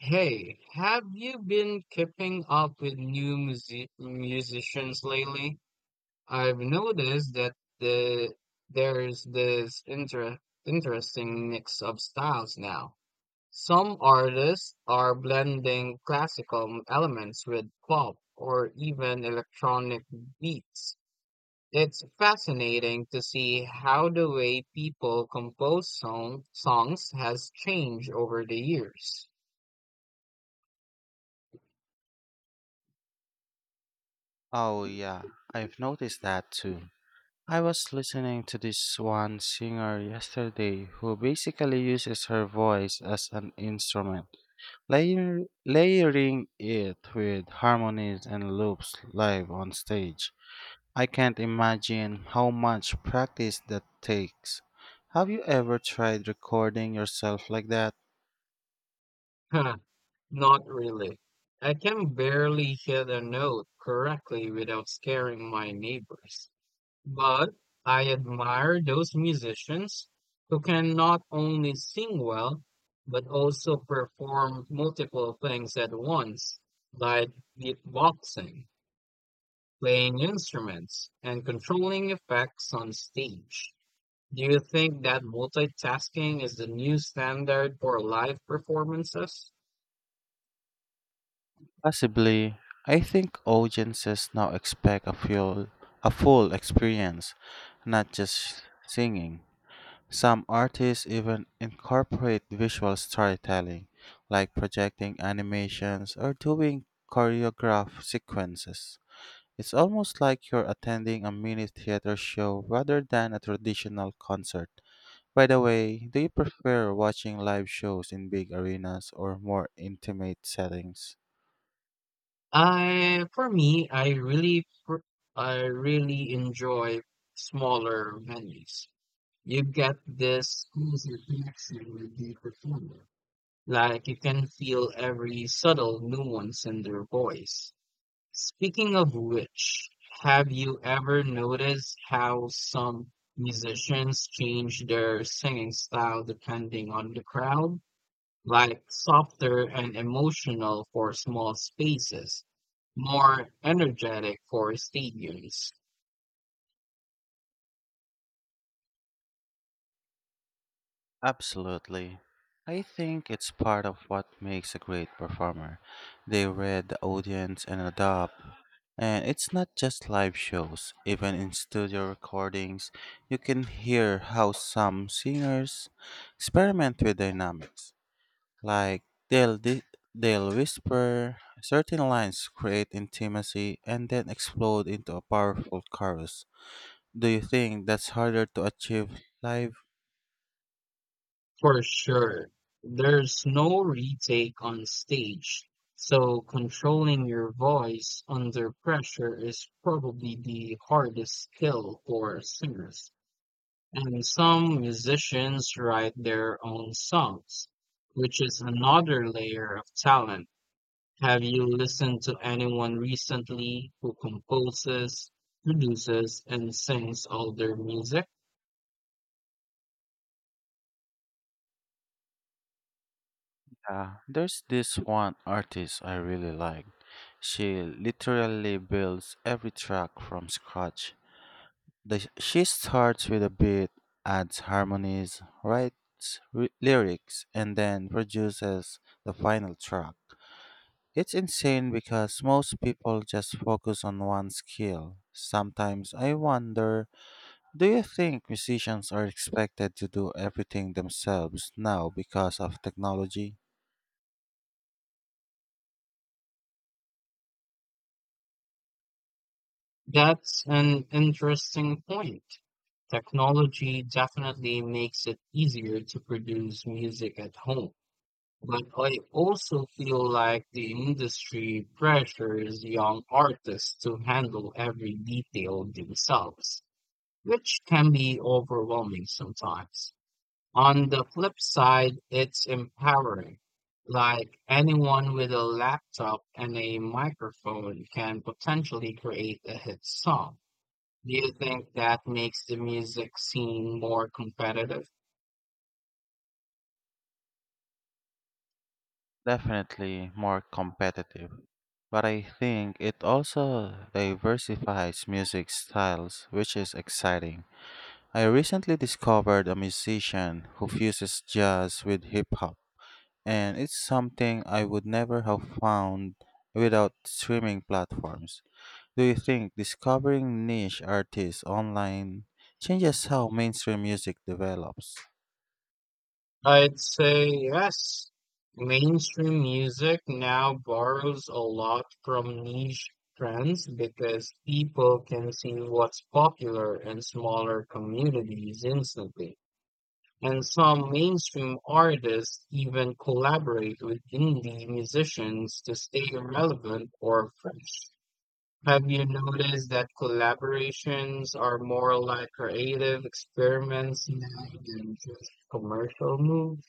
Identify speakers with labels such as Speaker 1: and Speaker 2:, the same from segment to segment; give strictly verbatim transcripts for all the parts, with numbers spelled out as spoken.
Speaker 1: Hey, have you been keeping up with new music musicians lately? I've noticed that the there's this inter interesting mix of styles now. Some artists are blending classical elements with pop or even electronic beats. It's fascinating to see how the way people compose song songs has changed over the years.
Speaker 2: Oh, yeah, I've noticed that too. I was listening to this one singer yesterday who basically uses her voice as an instrument, layer, layering it with harmonies and loops live on stage. I can't imagine how much practice that takes. Have you ever tried recording yourself like that?
Speaker 1: Not really. I can barely hit a note correctly without scaring my neighbors. But I admire those musicians who can not only sing well, but also perform multiple things at once, like beatboxing, playing instruments, and controlling effects on stage. Do you think that multitasking is the new standard for live performances?
Speaker 2: Possibly, I think audiences now expect a full, a full experience, not just singing. Some artists even incorporate visual storytelling, like projecting animations or doing choreographed sequences. It's almost like you're attending a mini theater show rather than a traditional concert. By the way, do you prefer watching live shows in big arenas or more intimate settings?
Speaker 1: I for me, I really pr- I really enjoy smaller venues. You get this closer connection with the performer. Like you can feel every subtle nuance in their voice. Speaking of which, have you ever noticed how some musicians change their singing style depending on the crowd? Like softer and emotional for small spaces, more energetic for stadiums,
Speaker 2: Absolutely. I think it's part of what makes a great performer. They read the audience and adapt. And it's not just live shows, even in studio recordings, you can hear how some singers experiment with dynamics. Like they'll, di- they'll whisper, certain lines create intimacy, and then explode into a powerful chorus. Do you think that's harder to achieve live?
Speaker 1: for sure. There's no retake on stage, so controlling your voice under pressure is probably the hardest skill for singers. And some musicians write their own songs, which is another layer of talent. Have you listened to anyone recently who composes, produces, and sings all their music?
Speaker 2: Uh, there's this one artist I really like. She literally builds every track from scratch. The, she starts with a beat, adds harmonies, writes re- lyrics, and then produces the final track. It's insane because most people just focus on one skill. Sometimes I wonder, do you think musicians are expected to do everything themselves now because of technology?
Speaker 1: That's an interesting point. Technology definitely makes it easier to produce music at home. But I also feel like the industry pressures young artists to handle every detail themselves, which can be overwhelming sometimes. On the flip side, it's empowering. Like anyone with a laptop and a microphone can potentially create a hit song. Do you think that makes the music scene more competitive?
Speaker 2: Definitely more competitive. But I think it also diversifies music styles, which is exciting. I recently discovered a musician who fuses jazz with hip hop, and it's something I would never have found without streaming platforms. Do you think discovering niche artists online changes how mainstream music develops?
Speaker 1: I'd say yes. Mainstream music now borrows a lot from niche trends because people can see what's popular in smaller communities instantly. And some mainstream artists even collaborate with indie musicians to stay relevant or fresh. Have you noticed that collaborations are more like creative experiments now than just commercial moves?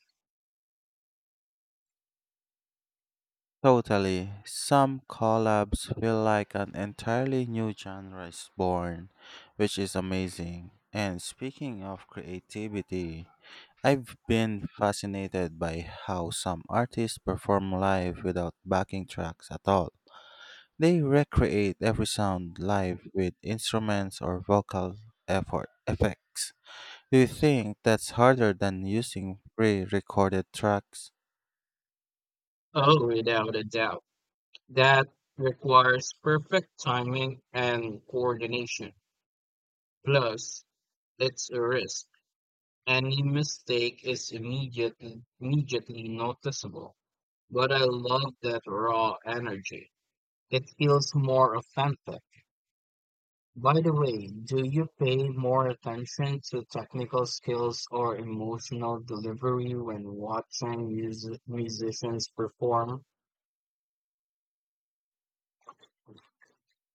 Speaker 2: Totally. Some collabs feel like an entirely new genre is born, which is amazing. And speaking of creativity, I've been fascinated by how some artists perform live without backing tracks at all. They recreate every sound live with instruments or vocal effort effects. Do you think that's harder than using pre-recorded tracks?
Speaker 1: Oh, without a doubt. That requires perfect timing and coordination. Plus, it's a risk. Any mistake is immediately immediately noticeable. But I love that raw energy. It feels more authentic. By the way, do you pay more attention to technical skills or emotional delivery when watching mus- musicians perform?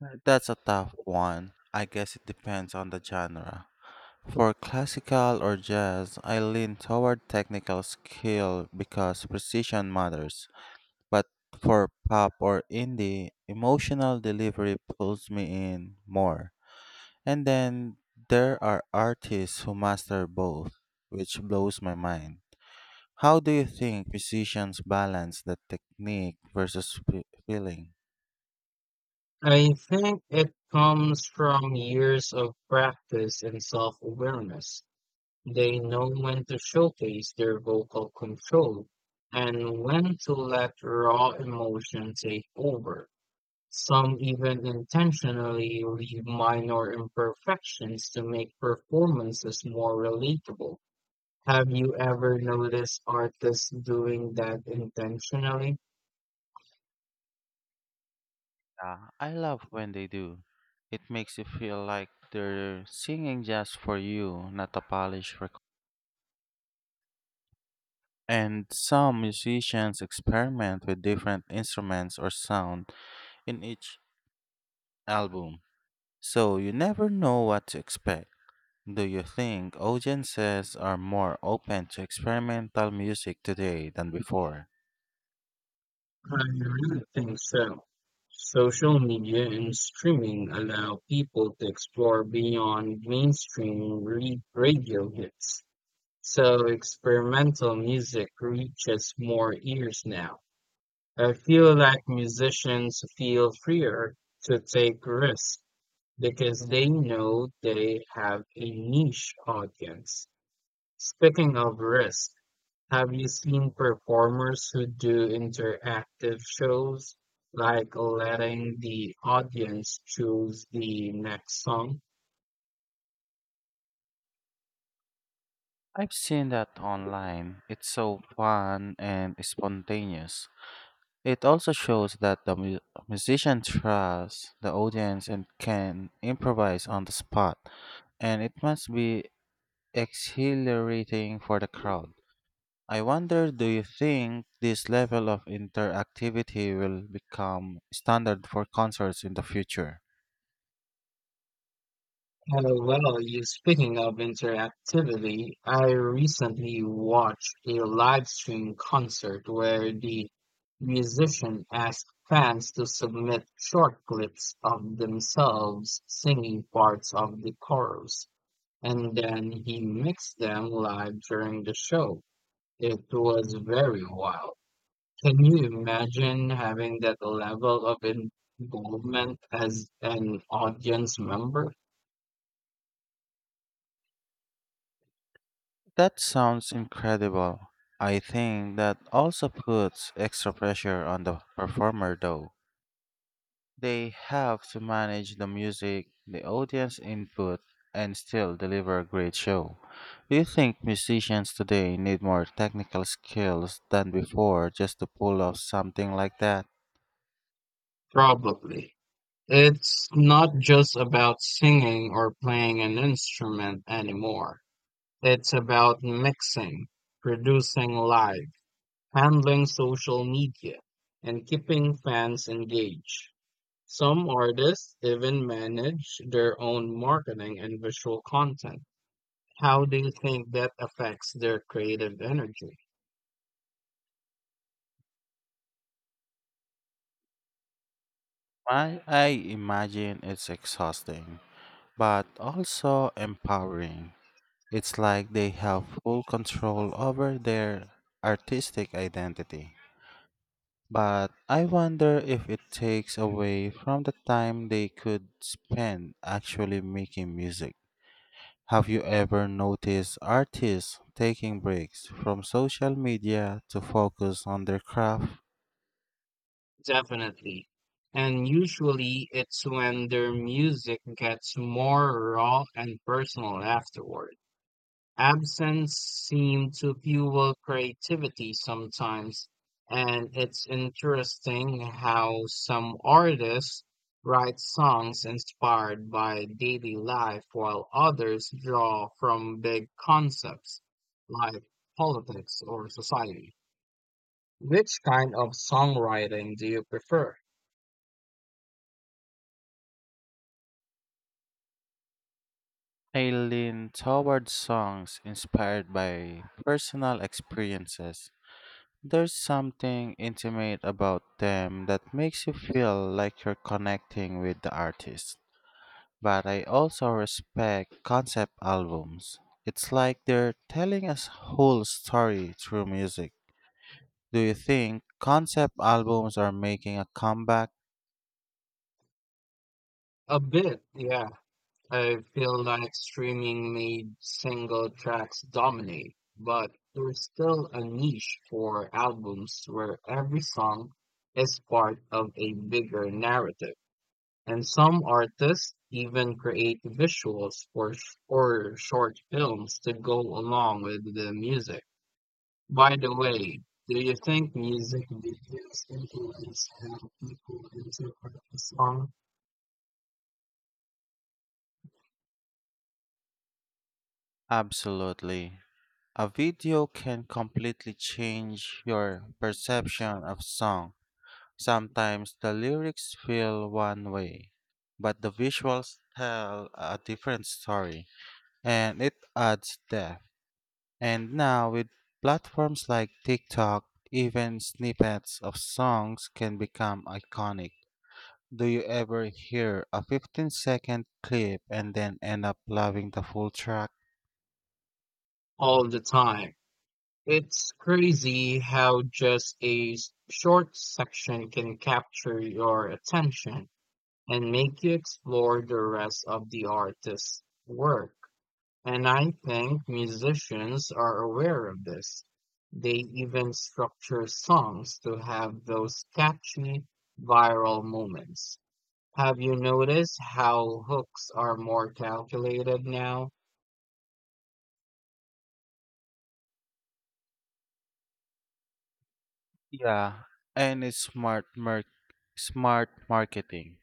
Speaker 2: Uh, That's a tough one. I guess it depends on the genre. For classical or jazz, I lean toward technical skill because precision matters. But for pop or indie, emotional delivery pulls me in more. And then there are artists who master both, which blows my mind. How do you think musicians balance the technique versus fe- feeling?
Speaker 1: I think it comes from years of practice and self-awareness. They know when to showcase their vocal control and when to let raw emotion take over. Some even intentionally leave minor imperfections to make performances more relatable. Have you ever noticed artists doing that intentionally?
Speaker 2: Ah, I love when they do. It makes you feel like they're singing just for you, not a polished record. And some musicians experiment with different instruments or sound in each album, so you never know what to expect. Do you think audiences are more open to experimental music today than before?
Speaker 1: I really think so. Social media and streaming allow people to explore beyond mainstream re- radio hits. So experimental music reaches more ears now. I feel like musicians feel freer to take risks because they know they have a niche audience. Speaking of risk, have you seen performers who do interactive shows, like letting the audience choose the next song?
Speaker 2: I've seen that online. It's so fun and spontaneous. It also shows that the mu- musician trusts the audience and can improvise on the spot, and it must be exhilarating for the crowd. I wonder, do you think this level of interactivity will become standard for concerts in the future?
Speaker 1: Uh, well, you speaking of interactivity, I recently watched a live stream concert where the musician asked fans to submit short clips of themselves singing parts of the chorus, and then he mixed them live during the show. It was very wild. Can you imagine having that level of involvement as an audience member?
Speaker 2: That sounds incredible. I think that also puts extra pressure on the performer though. They have to manage the music, the audience input, and still deliver a great show. Do you think musicians today need more technical skills than before just to pull off something like that?
Speaker 1: Probably. It's not just about singing or playing an instrument anymore. It's about mixing, producing live, handling social media, and keeping fans engaged. Some artists even manage their own marketing and visual content. How do you think that affects their creative energy?
Speaker 2: I, I imagine it's exhausting, but also empowering. It's like they have full control over their artistic identity. But I wonder if it takes away from the time they could spend actually making music. Have you ever noticed artists taking breaks from social media to focus on their craft?
Speaker 1: Definitely. And usually it's when their music gets more raw and personal afterward. Absence seemed to fuel creativity sometimes, and it's interesting how some artists write songs inspired by daily life while others draw from big concepts like politics or society. Which kind of songwriting do you prefer?
Speaker 2: I lean towards songs inspired by personal experiences. There's something intimate about them that makes you feel like you're connecting with the artist. But I also respect concept albums. It's like they're telling a s- whole story through music. Do you think concept albums are making a comeback?
Speaker 1: A bit, yeah. I feel like streaming made single tracks dominate, but there's still a niche for albums where every song is part of a bigger narrative. And some artists even create visuals or, sh- or short films to go along with the music. By the way, do you think music videos influence how people interpret a song
Speaker 2: Absolutely. A video can completely change your perception of song. Sometimes the lyrics feel one way, but the visuals tell a different story, and it adds depth. And now, with platforms like TikTok, even snippets of songs can become iconic. Do you ever hear a fifteen second clip and then end up loving the full track?
Speaker 1: all the time? It's crazy how just a s- short section can capture your attention and make you explore the rest of the artist's work. And I think musicians are aware of this. They even structure songs to have those catchy viral moments. Have you noticed how hooks are more calculated now?
Speaker 2: Yeah, and it's smart, mer- smart marketing.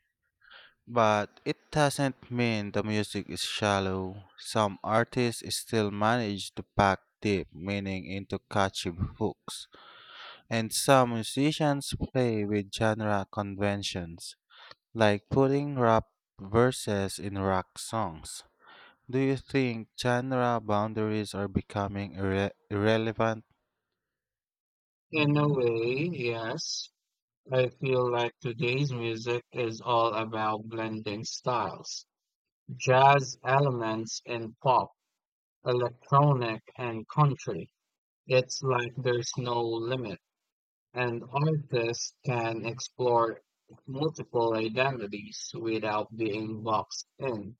Speaker 2: But it doesn't mean the music is shallow. Some artists still manage to pack deep meaning into catchy hooks. And some musicians play with genre conventions, like putting rap verses in rock songs. Do you think genre boundaries are becoming irre- irrelevant?
Speaker 1: In a way, yes. I feel like today's music is all about blending styles, jazz elements in pop, electronic and country. It's like there's no limit, and artists can explore multiple identities without being boxed in.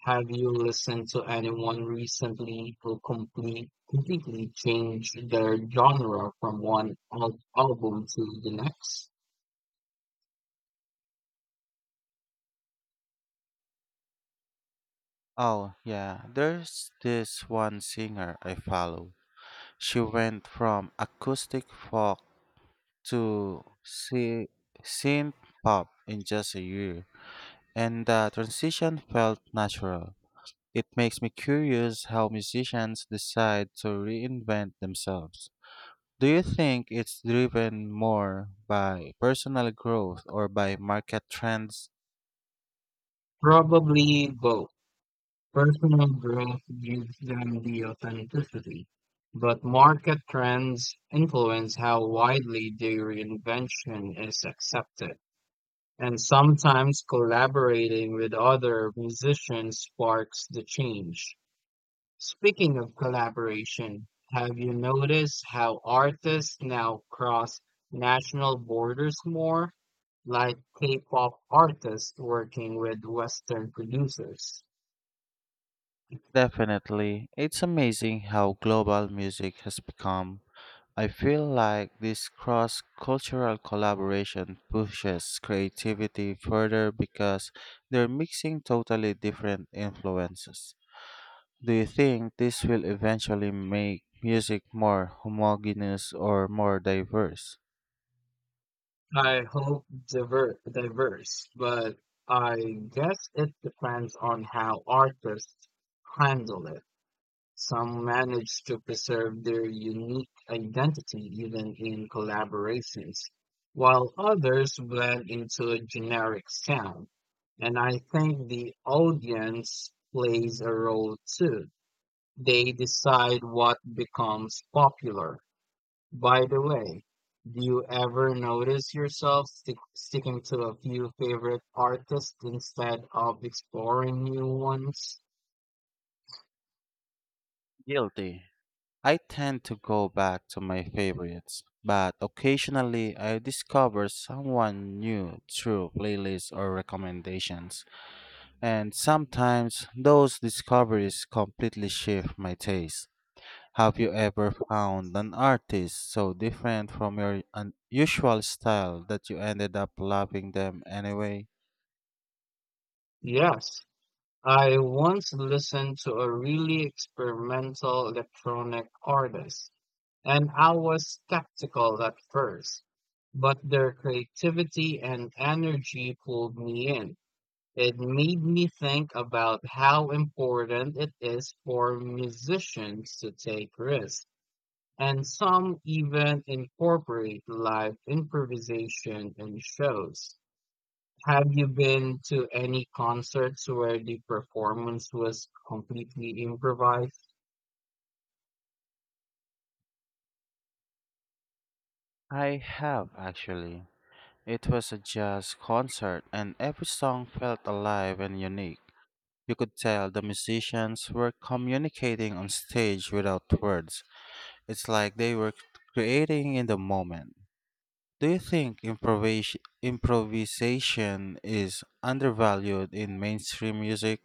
Speaker 1: Have you listened to anyone recently who complete, completely changed their genre from one al- album to the next?
Speaker 2: Oh, yeah, there's this one singer I follow. She went from acoustic folk to sy- synth pop in just a year, and the transition felt natural. It makes me curious how musicians decide to reinvent themselves. Do you think it's driven more by personal growth or by market trends?
Speaker 1: Probably both. Personal growth gives them the authenticity, but market trends influence how widely their invention is accepted. And sometimes collaborating with other musicians sparks the change. Speaking of collaboration, have you noticed how artists now cross national borders more, like K pop artists working with Western producers?
Speaker 2: Definitely. It's amazing how global music has become. I feel like this cross cultural collaboration pushes creativity further because they're mixing totally different influences. Do you think this will eventually make music more homogeneous or more diverse?
Speaker 1: I hope diver diverse, but I guess it depends on how artists handle it. Some manage to preserve their unique identity even in collaborations, while others blend into a generic sound. And I think the audience plays a role too. They decide what becomes popular. By the way, do you ever notice yourself stick, sticking to a few favorite artists instead of exploring new ones?
Speaker 2: Guilty. I tend to go back to my favorites, but occasionally I discover someone new through playlists or recommendations, and sometimes those discoveries completely shift my taste. Have you ever found an artist so different from your unusual style that you ended up loving them anyway?
Speaker 1: Yes, I once listened to a really experimental electronic artist, and I was skeptical at first, but their creativity and energy pulled me in. It made me think about how important it is for musicians to take risks and some even incorporate live improvisation in shows. Have you been to any concerts where the performance was completely improvised?
Speaker 2: I have actually. It was a jazz concert and every song felt alive and unique. You could tell the musicians were communicating on stage without words. It's like they were creating in the moment. Do you think improvis- improvisation is undervalued in mainstream music?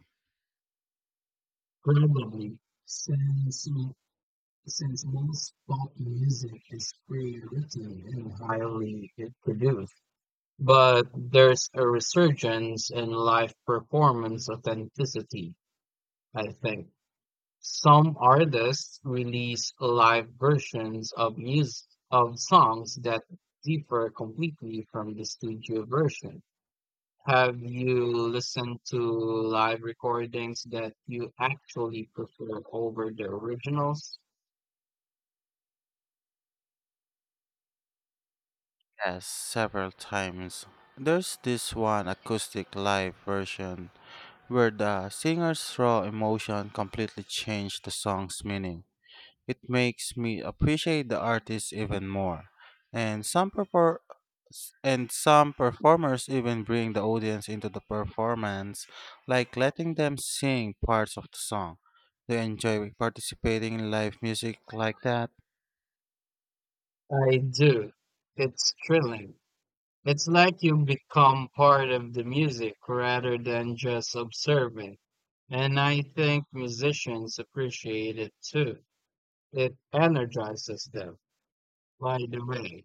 Speaker 1: Probably, since m- since most pop music is pre-written and highly produced. But there's a resurgence in live performance authenticity, I think. Some artists release live versions of music of songs that differ completely from the studio version. Have you listened to live recordings that you actually prefer over the originals?
Speaker 2: Yes, several times. There's this one acoustic live version where the singer's raw emotion completely changed the song's meaning. It makes me appreciate the artist even more. And some perfor- and some performers even bring the audience into the performance, like letting them sing parts of the song. Do you enjoy participating in live music like that?
Speaker 1: I do. It's thrilling. It's like you become part of the music rather than just observing. And I think musicians appreciate it too. It energizes them. By the way,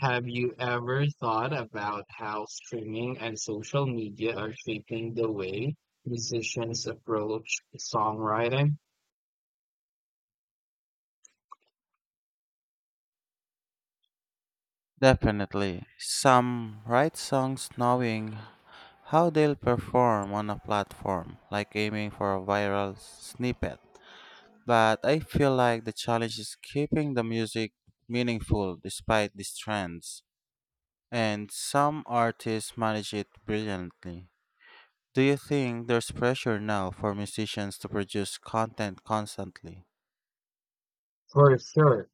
Speaker 1: have you ever thought about how streaming and social media are shaping the way musicians approach songwriting?
Speaker 2: Definitely. Some write songs knowing how they'll perform on a platform, like aiming for a viral snippet. But I feel like the challenge is keeping the music meaningful despite these trends. And some artists manage it brilliantly. Do you think there's pressure now for musicians to produce content constantly?
Speaker 1: For sure,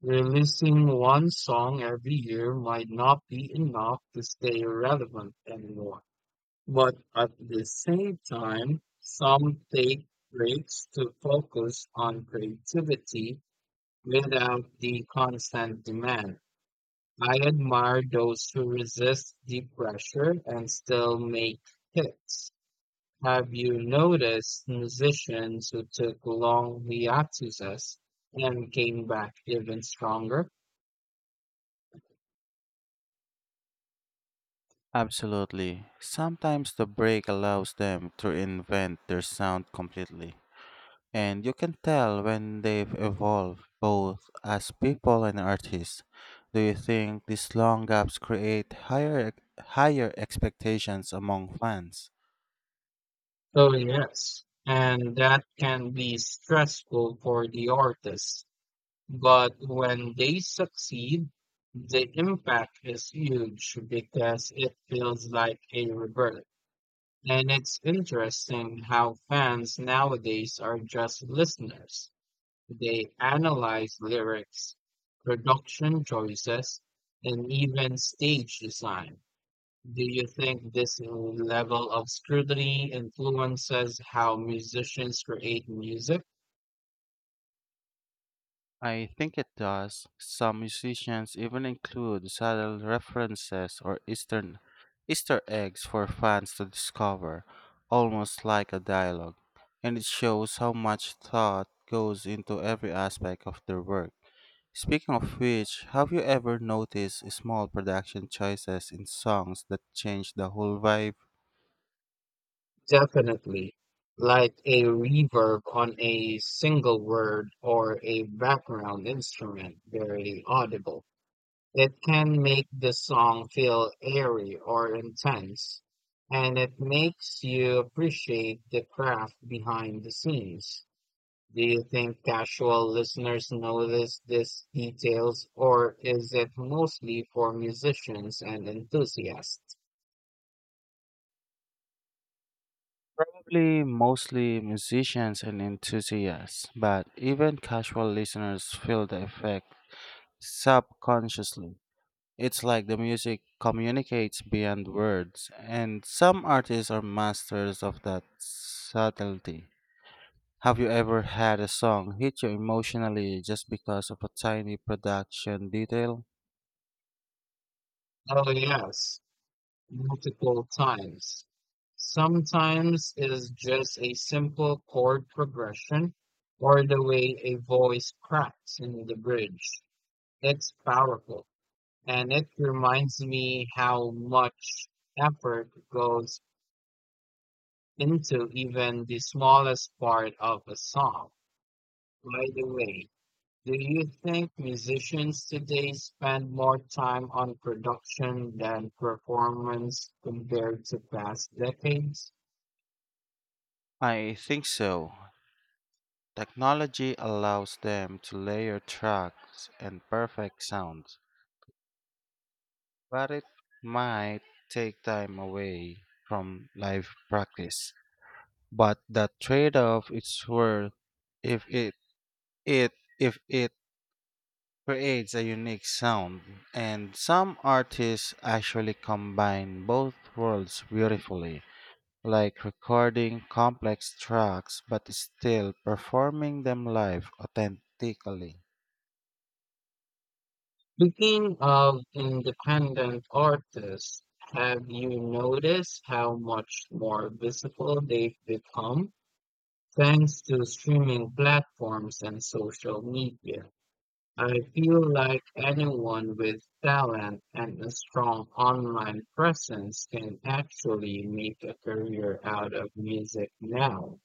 Speaker 1: releasing one song every year might not be enough to stay relevant anymore. But at the same time, some take breaks to focus on creativity without the constant demand. I admire those who resist the pressure and still make hits. Have you noticed musicians who took long hiatuses and came back even stronger?
Speaker 2: Absolutely. Sometimes the break allows them to invent their sound completely. And you can tell when they've evolved, both as people and artists. Do you think these long gaps create higher higher expectations among fans?
Speaker 1: Oh, yes. And that can be stressful for the artist. But when they succeed, the impact is huge because it feels like a rebirth. And it's interesting how fans nowadays are just listeners. They analyze lyrics, production choices, and even stage design. Do you think this level of scrutiny influences how musicians create music?
Speaker 2: I think it does. Some musicians even include subtle references or Eastern Easter eggs for fans to discover, almost like a dialogue. And it shows how much thought goes into every aspect of their work. Speaking of which, have you ever noticed small production choices in songs that change the whole vibe?
Speaker 1: Definitely. Like a reverb on a single word or a background instrument, very audible. It can make the song feel airy or intense, and it makes you appreciate the craft behind the scenes. Do you think casual listeners notice these details, or is it mostly for musicians and enthusiasts?
Speaker 2: Probably mostly musicians and enthusiasts, but even casual listeners feel the effect subconsciously. It's like the music communicates beyond words, and some artists are masters of that subtlety. Have you ever had a song hit you emotionally just because of a tiny production detail?
Speaker 1: Oh, yes, multiple times. Sometimes it is just a simple chord progression or the way a voice cracks in the bridge. It's powerful and it reminds me how much effort goes into even the smallest part of a song. By the way, do you think musicians today spend more time on production than performance compared to past decades?
Speaker 2: I think so. Technology allows them to layer tracks and perfect sounds, but it might take time away from live practice. But that trade-off is worth if it, it if it creates a unique sound. And some artists actually combine both worlds beautifully, like recording complex tracks but still performing them live authentically.
Speaker 1: Speaking of independent artists, have you noticed how much more visible they've become thanks to streaming platforms and social media? I feel like anyone with talent and a strong online presence can actually make a career out of music now.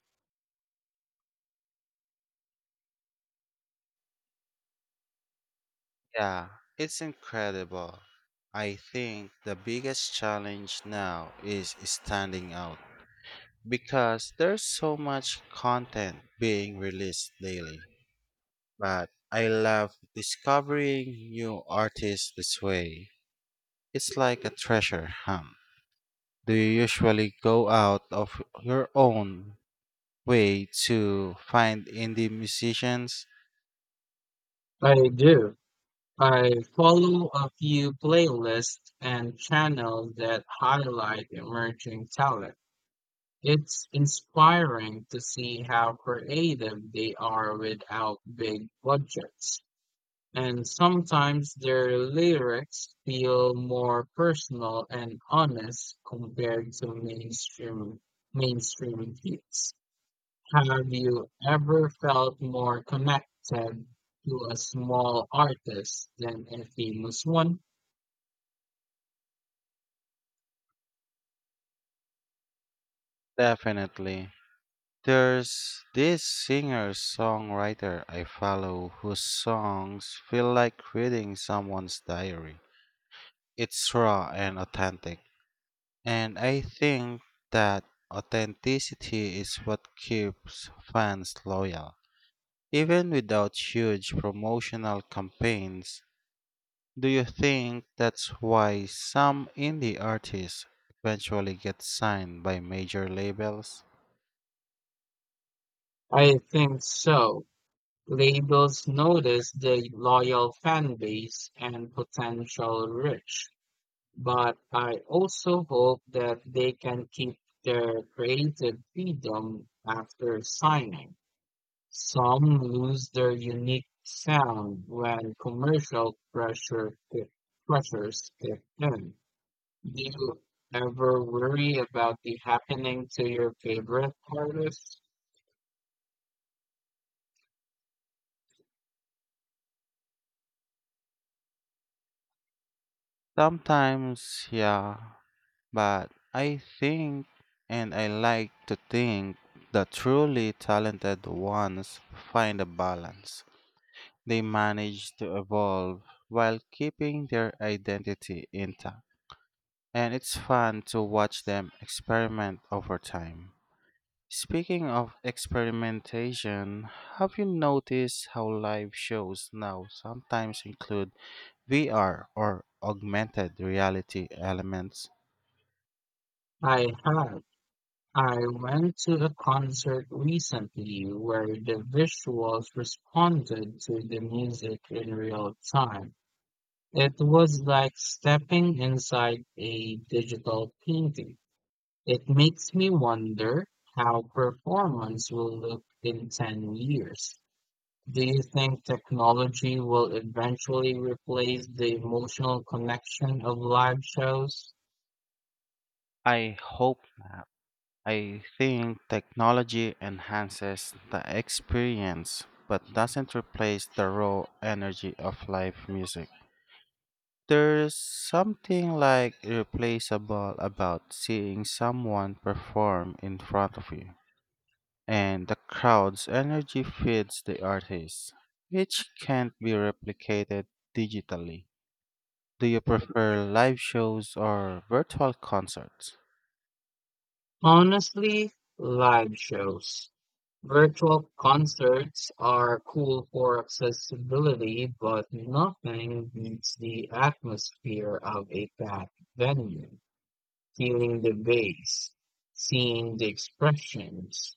Speaker 2: Yeah, it's incredible. I think the biggest challenge now is standing out because there's so much content being released daily. But I love discovering new artists this way. It's like a treasure hunt. Do you usually go out of your own way to find indie musicians?
Speaker 1: I do. I follow a few playlists and channels that highlight emerging talent. It's inspiring to see how creative they are without big budgets. And sometimes their lyrics feel more personal and honest compared to mainstream mainstream hits. Have you ever felt more connected to a small artist than a famous one?
Speaker 2: Definitely. There's this singer-songwriter I follow whose songs feel like reading someone's diary. It's raw and authentic, and I think that authenticity is what keeps fans loyal. Even without huge promotional campaigns, do you think that's why some indie artists eventually get signed by major labels?
Speaker 1: I think so. Labels notice the loyal fan base and potential reach, but I also hope that they can keep their creative freedom after signing. Some lose their unique sound when commercial pressure kick, pressures kick in. Do you ever worry about the happening to your favorite artists?
Speaker 2: Sometimes, yeah, but I think, and I like to think, the truly talented ones find a balance. They manage to evolve while keeping their identity intact. And it's fun to watch them experiment over time. Speaking of experimentation, have you noticed how live shows now sometimes include V R or augmented reality elements?
Speaker 1: I have. I went to a concert recently where the visuals responded to the music in real time. It was like stepping inside a digital painting. It makes me wonder how performance will look in ten years. Do you think technology will eventually replace the emotional connection of live shows?
Speaker 2: I hope not. I think technology enhances the experience but doesn't replace the raw energy of live music. There's something like irreplaceable about seeing someone perform in front of you, and the crowd's energy feeds the artist, which can't be replicated digitally. Do you prefer live shows or virtual concerts?
Speaker 1: Honestly, live shows. Virtual concerts are cool for accessibility, but nothing beats the atmosphere of a packed venue. Feeling the bass, seeing the expressions,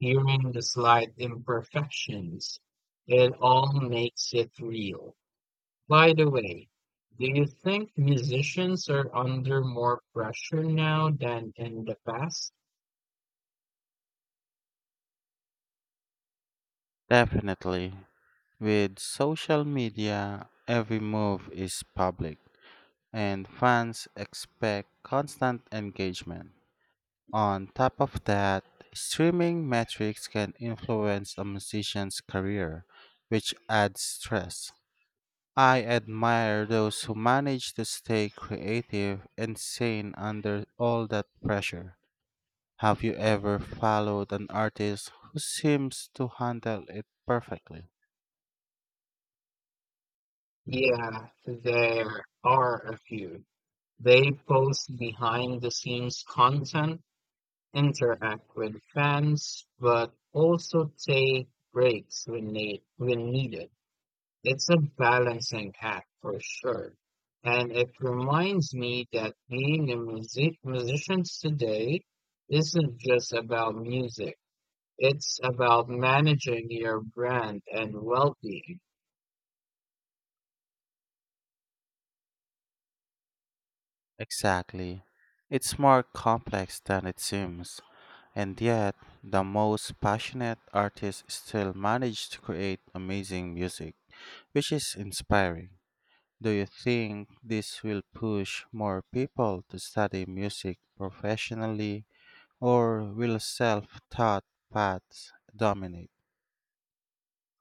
Speaker 1: hearing the slight imperfections, it all makes it real. By the way, do you think musicians are under more pressure now than in the past?
Speaker 2: Definitely. With social media, every move is public, and fans expect constant engagement. On top of that, streaming metrics can influence a musician's career, which adds stress. I admire those who manage to stay creative and sane under all that pressure. Have you ever followed an artist who seems to handle it perfectly?
Speaker 1: Yeah, there are a few. They post behind-the-scenes content, interact with fans, but also take breaks when need when needed. It's a balancing act for sure. And it reminds me that being a music musician today isn't just about music. It's about managing your brand and well-being.
Speaker 2: Exactly. It's more complex than it seems, and yet, the most passionate artists still manage to create amazing music, which is inspiring. Do you think this will push more people to study music professionally, or will self taught paths dominate?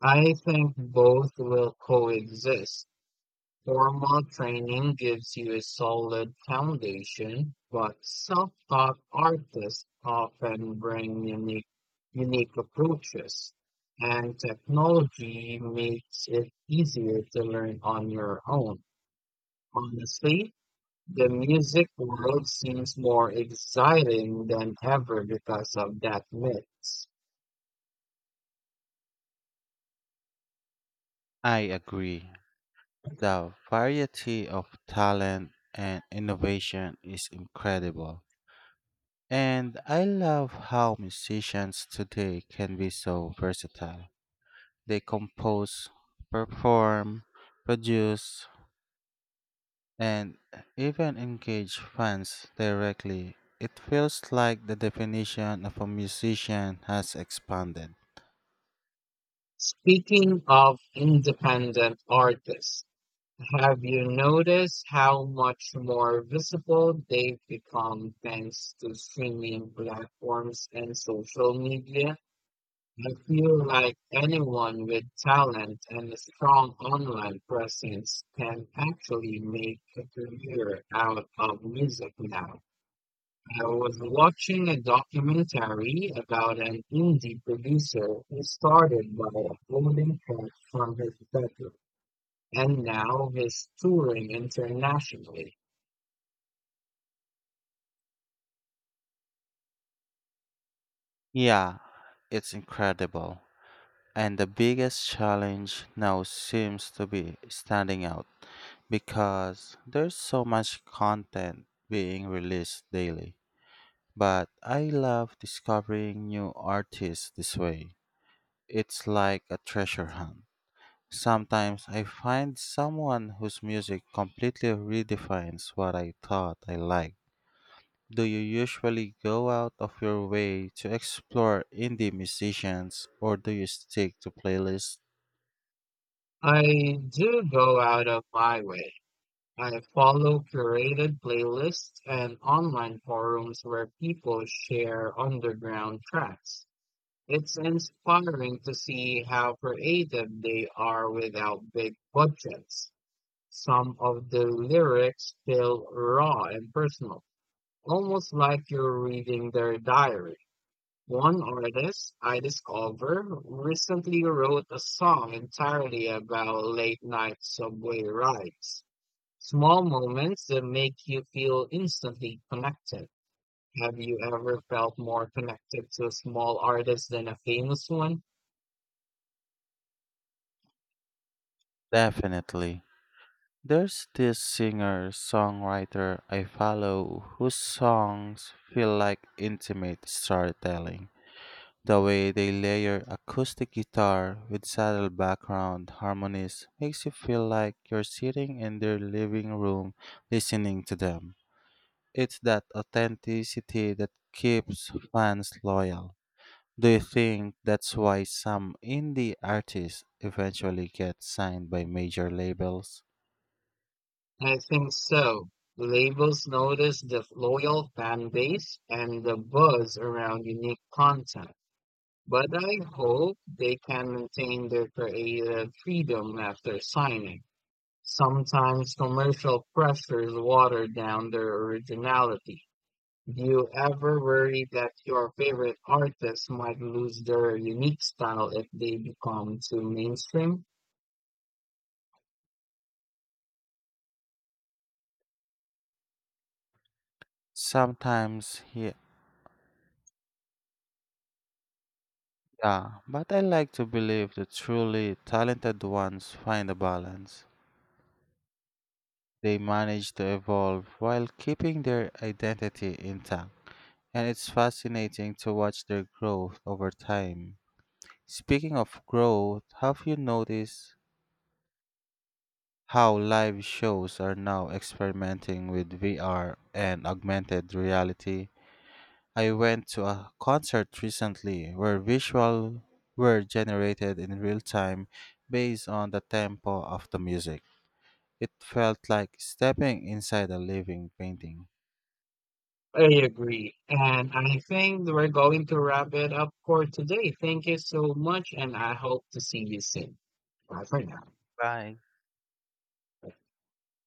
Speaker 1: I think both will coexist. Formal training gives you a solid foundation, but self-taught artists often bring unique, unique approaches, and technology makes it easier to learn on your own. Honestly, the music world seems more exciting than ever because of that mix.
Speaker 2: I agree. The variety of talent and innovation is incredible. And I love how musicians today can be so versatile. They compose, perform, produce, and even engage fans directly. It feels like the definition of a musician has expanded.
Speaker 1: Speaking of independent artists, have you noticed how much more visible they've become thanks to streaming platforms and social media? I feel like anyone with talent and a strong online presence can actually make a career out of music now. I was watching a documentary about an indie producer who started by uploading tracks from his bedroom and now he's touring internationally.
Speaker 2: Yeah, it's incredible. And the biggest challenge now seems to be standing out because there's so much content being released daily. But I love discovering new artists this way. It's like a treasure hunt. Sometimes I find someone whose music completely redefines what I thought I liked. Do you usually go out of your way to explore indie musicians or do you stick to playlists?
Speaker 1: I do go out of my way. I follow curated playlists and online forums where people share underground tracks. It's inspiring to see how creative they are without big budgets. Some of the lyrics feel raw and personal, almost like you're reading their diary. One artist I discovered recently wrote a song entirely about late night subway rides. Small moments that make you feel instantly connected. Have you ever felt more connected to a small artist than a famous one?
Speaker 2: Definitely. There's this singer songwriter I follow whose songs feel like intimate storytelling. The way they layer acoustic guitar with subtle background harmonies makes you feel like you're sitting in their living room listening to them. It's that authenticity that keeps fans loyal. Do you think that's why some indie artists eventually get signed by major labels?
Speaker 1: I think so. Labels notice the loyal fan base and the buzz around unique content. But I hope they can maintain their creative freedom after signing. Sometimes commercial pressures water down their originality. Do you ever worry that your favorite artists might lose their unique style if they become too mainstream?
Speaker 2: Sometimes, ye- yeah, but I like to believe the truly talented ones find a balance. They manage to evolve while keeping their identity intact, and it's fascinating to watch their growth over time. Speaking of growth, have you noticed how live shows are now experimenting with V R and augmented reality? I went to a concert recently where visual were generated in real time based on the tempo of the music. It felt like stepping inside a living painting.
Speaker 1: I agree. And I think we're going to wrap it up for today. Thank you so much, and I hope to see you soon. Bye for now.
Speaker 2: Bye.